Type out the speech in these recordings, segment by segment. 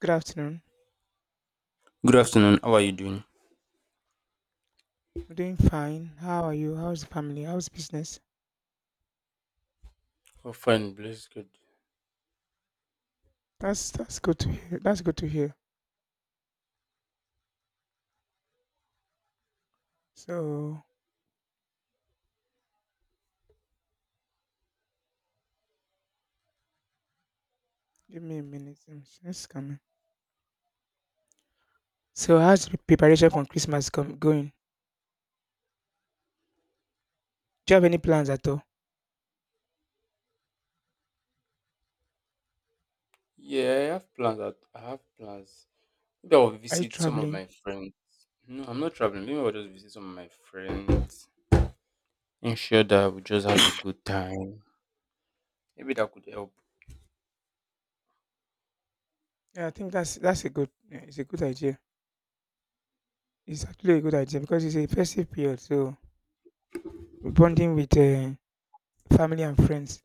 Good afternoon. Good afternoon. How are you doing? I'm doing fine. How are you? How's the family? How's business? Oh, fine, bless God. That's good to hear. That's good to hear. So give me a minute. It's coming. So how's the preparation for Christmas going? Do you have any plans at all? Yeah, I have plans. I have plans. Maybe I'll Are you visit some of traveling? my friends. No, I'm not traveling. Maybe I'll just visit some of my friends. Ensure that we just have a good time. Maybe that could help. Yeah, I think that's a good. Yeah, it's a good idea. It's actually a good idea because it's a festive period. So bonding with family and friends,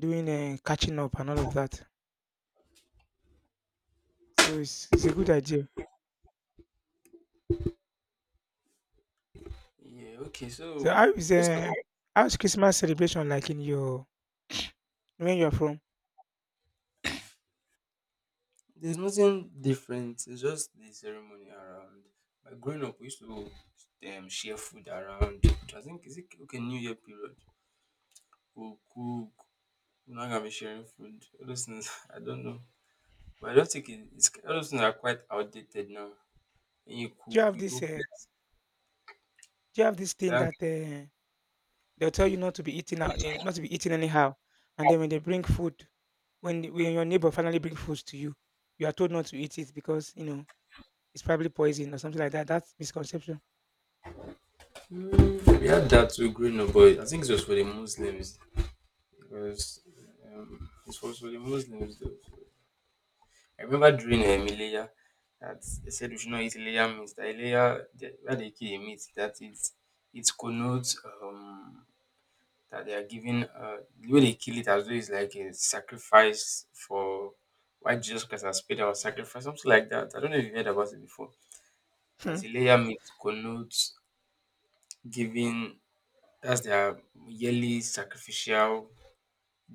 doing catching up and all of that. So it's a good idea. Yeah, okay, So so let's talk. About- how's Christmas celebration like in your where you're from. There's nothing different. It's just the ceremony around. But growing up, we used to share food around. I think, is it okay, New Year period? We'll cook. We're not going to be sharing food. All those things, I don't know. But I don't think it's all those things are quite outdated now. When you Do you cook, have you go this? Uh, place. do you have this thing Yeah. that they'll tell you not to be eating out, not to be eating anyhow, and then when they bring food, when your neighbor finally brings food to you, you are told not to eat it because it's probably poison or something like that. That's misconception. We had that too growing up, but I think it was for the Muslims. Because it was for the Muslims though. So I remember during Ileya that they said we should not eat Ileya meat. That Ileya, where they kill a meat, that it connotes that they are giving the way they kill it as though it's like a sacrifice for why Jesus Christ has paid our sacrifice, something like that. I don't know if you heard about it before. Hmm, As a layer meat connotes giving, that's their yearly sacrificial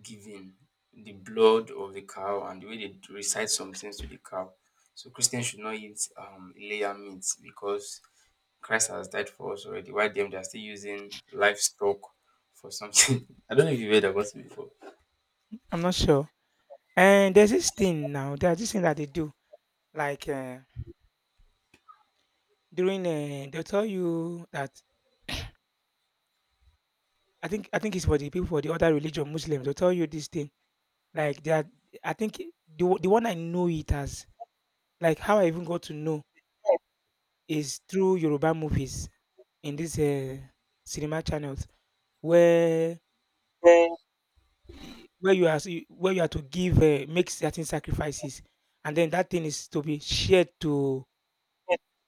giving, the blood of the cow and the way they recite some things to the cow. So Christians should not eat layer meat because Christ has died for us already. Why them they are still using livestock for something? I don't know if you've heard about it before. I'm not sure. And there's this thing now. There's this thing that they do, like during they'll tell you that I think it's for the people, for the other religion, Muslims. They'll tell you this thing like they are. I think the one I know it as, like, how I even got to know is through Yoruba movies in these, cinema channels where Yeah, y where you are to give, make certain sacrifices, and then that thing is to be shared to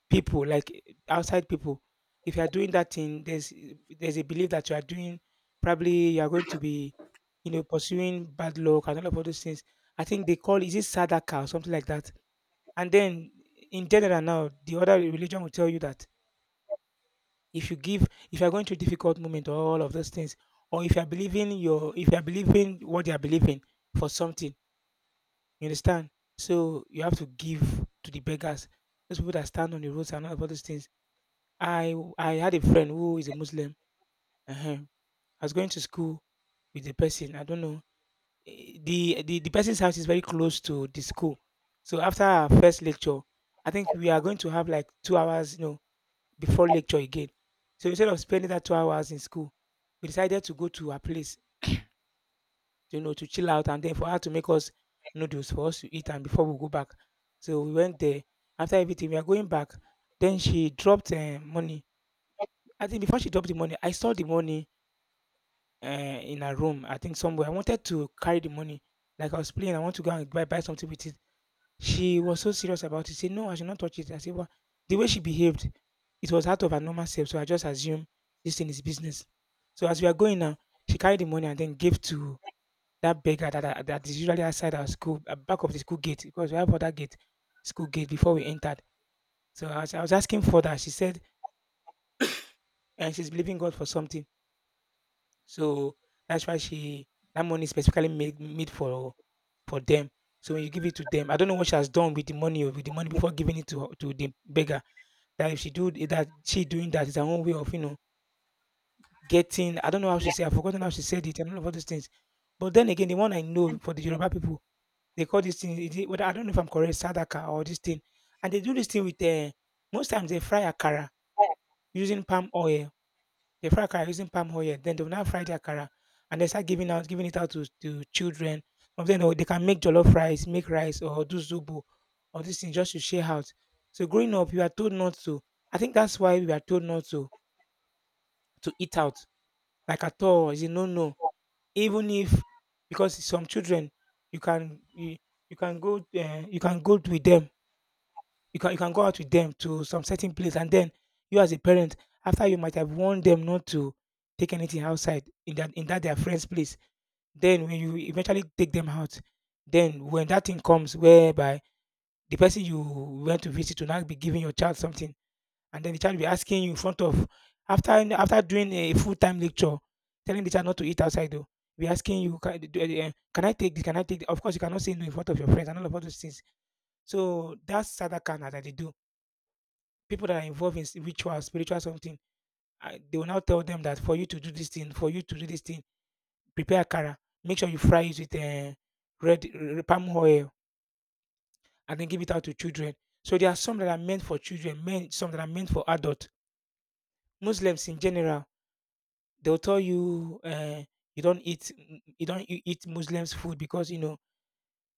people, like, outside people. If you are doing that thing, there's a belief that you are doing, probably you are going to be, pursuing bad luck and all of all those things. I think they call, is it Sadaka or something like that? And then in general now, the other religion will tell you that if you give, if you're going through difficult moment or all of those things, or if you're believing what they are believing for something, you understand. So you have to give to the beggars, those people that stand on the roads and all of all those things. I had a friend who is a Muslim. I was going to school with the person. I don't know. The person's house is very close to the school. So after our first lecture, I think we are going to have like 2 hours, no, before lecture again. So instead of spending that 2 hours in school, we decided to go to her place, to chill out and then for her to make us noodles for us to eat and before we go back. So we went there. After everything, we are going back. Then she dropped money. I think before she dropped the money, I saw the money in her room. I think somewhere. I wanted to carry the money. Like I was playing, I want to go and buy something with it. She was so serious about it, say, "No, I should not touch it." I said, "Why?" The way she behaved, it was out of her normal self, so I just assumed this thing is business. So as we are going now, she carried the money and then gave to that beggar that that is usually outside our school, at back of the school gate, because we have other gate, school gate before we entered. So I was asking further, she said, and she's believing God for something. So that's why she that money is specifically made for them. So when you give it to them, I don't know what she has done with the money or with the money before giving it to the beggar. That if she do it, that she doing that is her own way of, getting, I don't know how she said, I've forgotten how she said it and all of all these things. But then again, the one I know for the Yoruba people, they call this thing, is it, whether, I don't know if I'm correct, sadaka or this thing. And they do this thing with, most times they fry akara using palm oil. They fry akara using palm oil. Then they will now fry the akara and they start giving out, giving it out to children. Some of them they can make jollof rice, make rice, or do zobo, or this thing, just to share out. So growing up, you are told not to. I think that's why we are told not to eat out like at all. It's a no no. Even if because some children you can you, you can go with them. You can go out with them to some certain place and then you, as a parent, after you might have warned them not to take anything outside in that their friend's place. Then when you eventually take them out, then when that thing comes whereby the person you went to visit will not be giving your child something and then the child will be asking you in front of, after doing a full time lecture, telling the child not to eat outside though. Be asking you, can, do- eh, eh, can I take this? Can I take? This? Of course, you cannot say no in front of your friends and all of all those things. So that's sadakana that they do. People that are involved in ritual, spiritual something, they will now tell them that, for you to do this thing, prepare kara. Make sure you fry it with, red, palm oil and then give it out to children. So there are some that are meant for children, men, some that are meant for adults. Muslims in general. They'll tell you, you don't eat, you don't you eat Muslims' food because,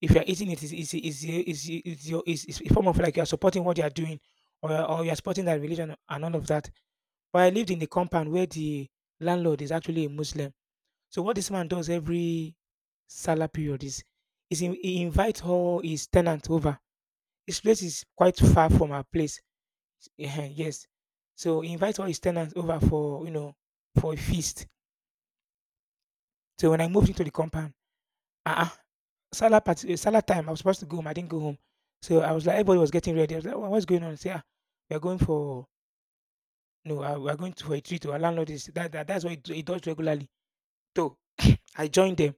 if you're eating it, is your is a form of like you're supporting what they are doing, or you're supporting that religion and all of that. But I lived in the compound where the landlord is actually a Muslim. So what this man does every Salah period is, he invites all his tenants over. His place is quite far from our place. Yes, so he invites all his tenants over for, for a feast. So when I moved into the compound. Uh-uh. Salah time, I was supposed to go home. I didn't go home. So I was like everybody was getting ready. I was like, What's going on?" Say, "Ah, "We are going for no, we are going to, for a treat. Oh, Our landlord is that's what he does regularly." So I joined them.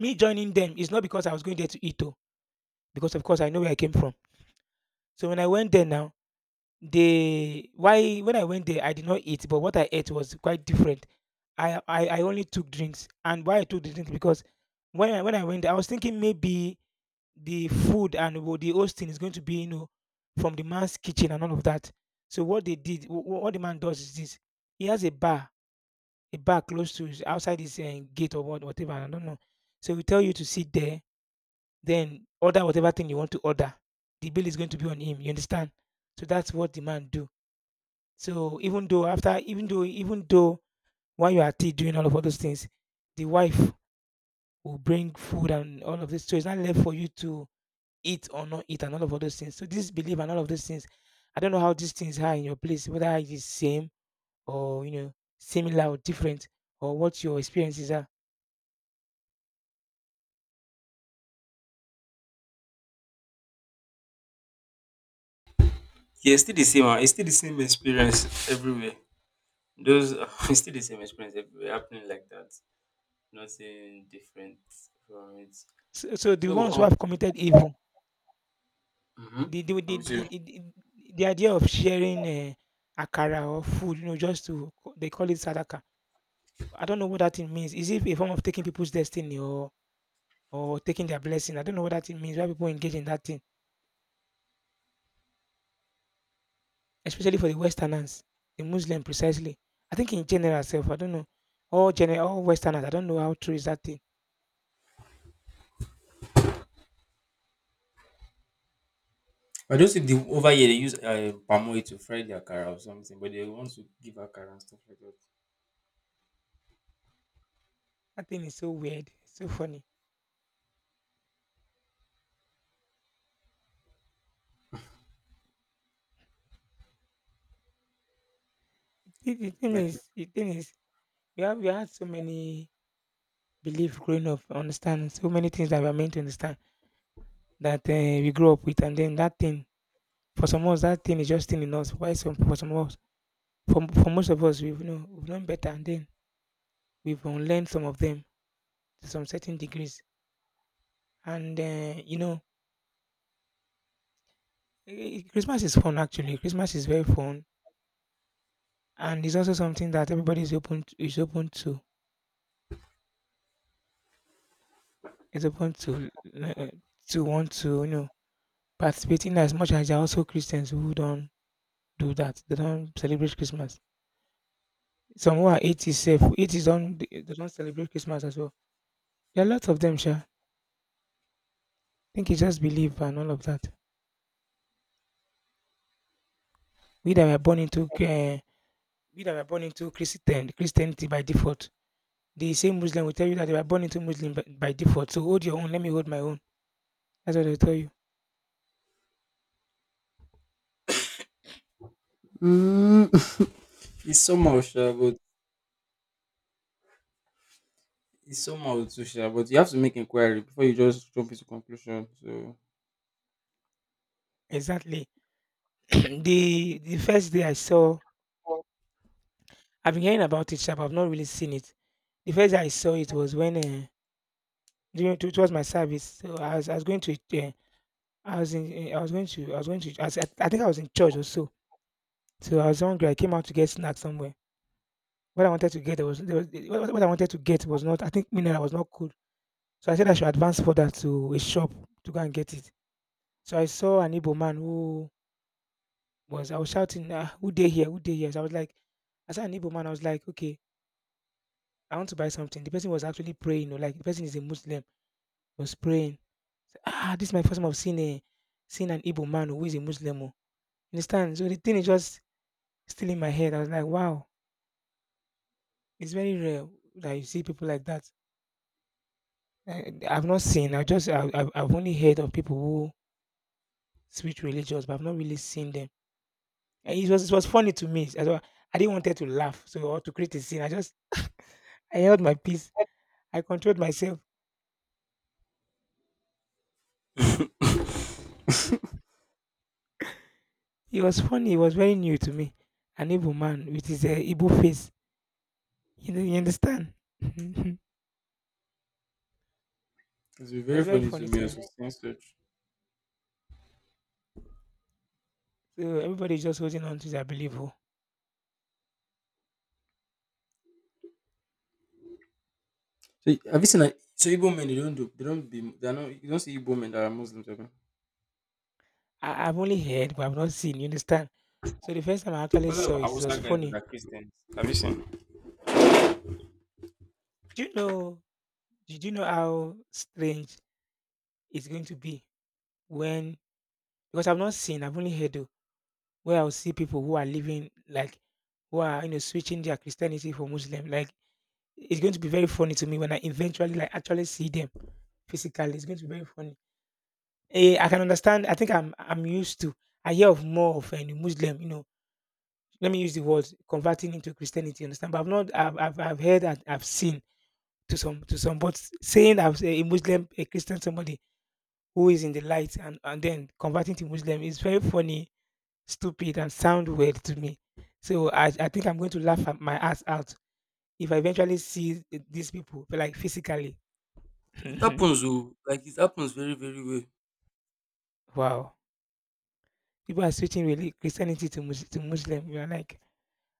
Me joining them is not because I was going there to eat, though, because of course I know where I came from. So when I went there now, they why when I went there I did not eat, but what I ate was quite different. I only took drinks, and why I took the drinks because when I went there, I was thinking maybe the food and the hosting is going to be, from the man's kitchen and all of that. So what they did, what the man does is this: he has a bar close to his, outside his gate or whatever. I don't know. So we tell you to sit there, then order whatever thing you want to order. The bill is going to be on him. You understand? So that's what the man do. So even though after, even though while you are at doing all of all those things, the wife will bring food and all of this. So it's not left for you to eat or not eat and all of all those things. So this belief and all of those things, I don't know how these things are in your place, whether it is same or similar or different or what your experiences are. It's still the same experience everywhere. Those it's still the same experience everywhere happening like that. Nothing different from it. So, the So, ones who have committed evil, mhm, the the I'm the, with the, you. the, the the idea of sharing, akara or food, just to they call it sadaka. I don't know what that thing means. Is it a form of taking people's destiny or taking their blessing? I don't know what that thing means. Why people engage in that thing? Especially for the Westerners, the Muslim precisely. I think in general self, I don't know. All general, all Westerners, I don't know how true is that thing. I don't see the over here they use palm oil to fry their cara or something, but they want to give akara and stuff like that. That thing is so weird, so funny. The, the thing Like is, the thing is, we had so many beliefs growing up, understand so many things that we are meant to understand that we grow up with, and then that thing for some of us, that thing is just thing in us. Why some for some of us, for most of us, we've known better, and then we've unlearned some of them to some certain degrees, and Christmas is fun actually. Christmas is very fun, and it's also something that everybody is open uh, to want to participate in, as much as there are also Christians who don't do that. They don't celebrate Christmas. Some who are atheists, self atheists don't, they don't celebrate Christmas as well. There are lots of them, sure. I think it's just belief and all of that. We that were born into uh, we that were born into Christianity by default. The same Muslim will tell you that they were born into Muslim by default. So hold your own. Let me hold my own. That's what I tell you. Mm. It's somehow sure, but it's somehow too sure. But you have to make inquiry before you just jump into conclusion. So Exactly. The first day I saw, I've been hearing about it, sharp. I've not really seen it. The first day I saw it was when during it was my service. So I was going to I was in I was going to I was going to I, was, I think I was in church or so. So I was hungry. I came out to get snacks somewhere. What I wanted to get there was what I wanted to get was not, I think, mineral was not cool. So I said I should advance further to a shop to go and get it. So I saw an Igbo man who was I was shouting, ah, who dey here? Who dey here? So I was like, as an Igbo man, I was like, okay, I want to buy something. The person was actually praying, or like the person is a Muslim, he was praying. So, ah, this is my first time I've seen an Igbo man who is a Muslim. Oh." You understand? So the thing is just still in my head. I was like, wow, it's very rare that you see people like that. I've not seen. I just I, I've only heard of people who switch religions, but I've not really seen them. And it was funny to me. I didn't want her to laugh, so or to create a scene. I just I held my peace. I controlled myself. it's It was funny. It was very new to me. An evil man with his Igbo face. You, know, you understand? It been very was very funny to funny me to as me. well. Such. So everybody is just holding on to their belief. Oh. So have you seen like so Igbo men they don't do they don't be they are not you don't see Igbo men that are Muslims. Abi? I've only heard, but I've not seen. You understand? So the first time I actually What saw about it, it was Hausa guys that funny. are Christians? Have you seen? Do you know? Did you know how strange it's going to be when? Because I've not seen. I've only heard oh, where I'll see people who are living like who are switching their Christianity for Muslim. Like it's going to be very funny to me when I eventually, like, actually see them physically. It's going to be very funny. Eh, I can understand. I think I'm used to. I hear of more of a Muslim, you know. Let me use the word converting into Christianity. You understand? But I've not. I've heard and I've seen to some. But saying I've eh, a Muslim, a Christian, somebody who is in the light and then converting to Muslim is very funny, stupid, and sound weird to me. So I think I'm going to laugh at my ass out if I eventually see these people, like, physically. It happens, though. Like it happens very, very well. Wow. People are switching, really, Christianity to Muslim. We are like,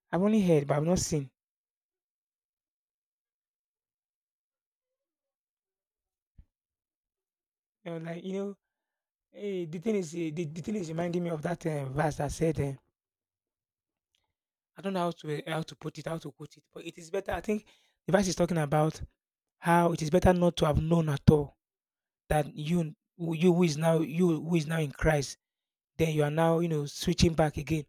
I've only heard, but I've not seen. You know, like you know, the thing is reminding me of that verse that said, I don't know how to how to put it, how to quote it, but it is better. I think the verse is talking about how it is better not to have known at all, that you you who is now, you who is now in Christ, then you are now, switching back again.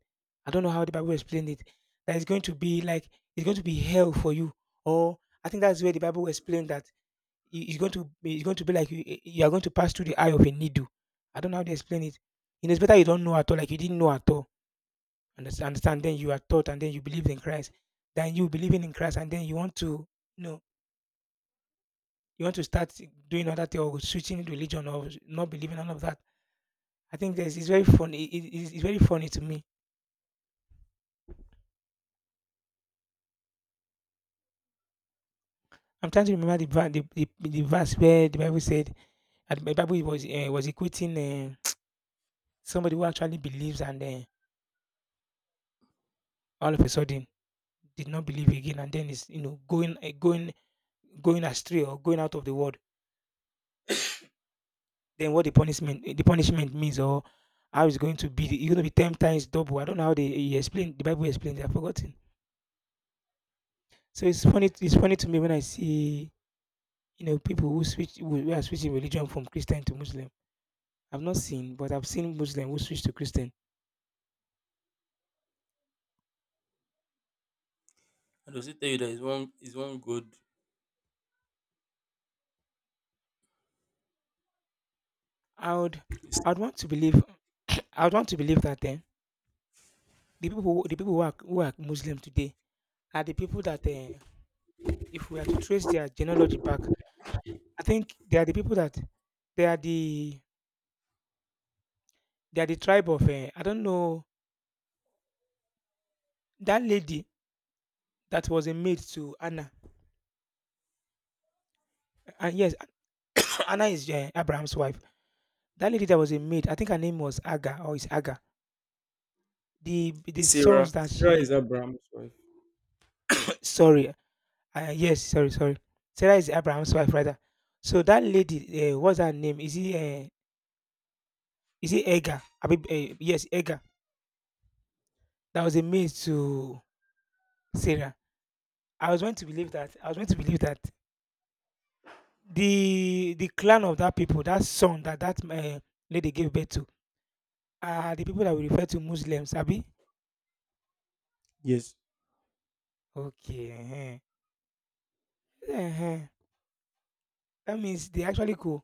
I don't know how the Bible explained it. That it's going to be like it's going to be hell for you, or I think that's where the Bible explained that it's going to be, it's going to be like, you are going to pass through the eye of a needle. I don't know how to explain it. It is better you don't know at all, like you didn't know at all. Understand? Understand? Then you are taught, and then you believe in Christ. Then you believing in Christ, and then you want to you know you want to start doing other thing or switching religion or not believing none of that. I think this is very funny. It's very funny to me. I'm trying to remember the verse where the Bible said, and the Bible was equating somebody who actually believes and all of a sudden did not believe again, and then is, going going astray or going out of the world. Then what the punishment, the punishment means, or how it's going to be, it's going to be 10 times double. I don't know how they he explained, the Bible explains. I've forgotten. So it's funny. It's funny to me when I see, people who switch, who are switching religion from Christian to Muslim. I've not seen, but I've seen Muslim who switch to Christian. And does it tell you that it's one is one God? i would I would want to believe I would want to believe that then the people the people who are, who are Muslim today are the people that if we are to trace their genealogy back, I think they are the people that they are the they are the tribe of I don't know, that lady that was a maid to Anna. And yes, Anna is Abraham's wife. That lady that was a maid, I think her name was Aga, or is Aga. The sons Sarah. that Sarah is she Abraham's wife. sorry, yes, sorry. Sarah is Abraham's wife rather. So that lady, what's her name? Is he Aga? I mean, yes, Aga. That was a maid to Sarah. I was going to believe that. I was going to believe that the clan of that people, that son that that lady gave birth to, are the people that we refer to Muslims, Abi. Yes. Okay, uh-huh. Uh-huh. That means they actually co.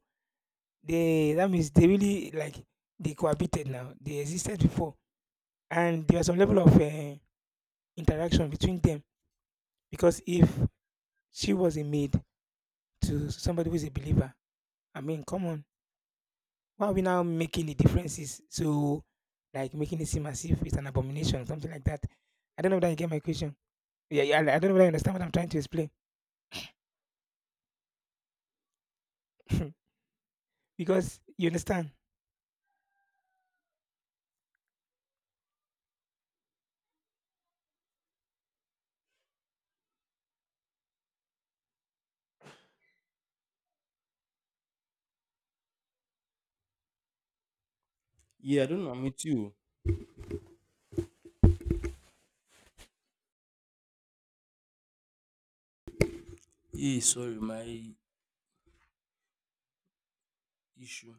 They, that means they really like they cohabited now. They existed before, and there was some level of interaction between them, because if she was a maid to somebody who is a believer, I mean, come on, why are we now making the differences so, like, making it seem as if it's an abomination, something like that? I don't know if that you get my question. Yeah, yeah. I don't know. Really understand what I'm trying to explain because you understand. Yeah, I don't know. I'm with you. Yeah, sorry, my issue.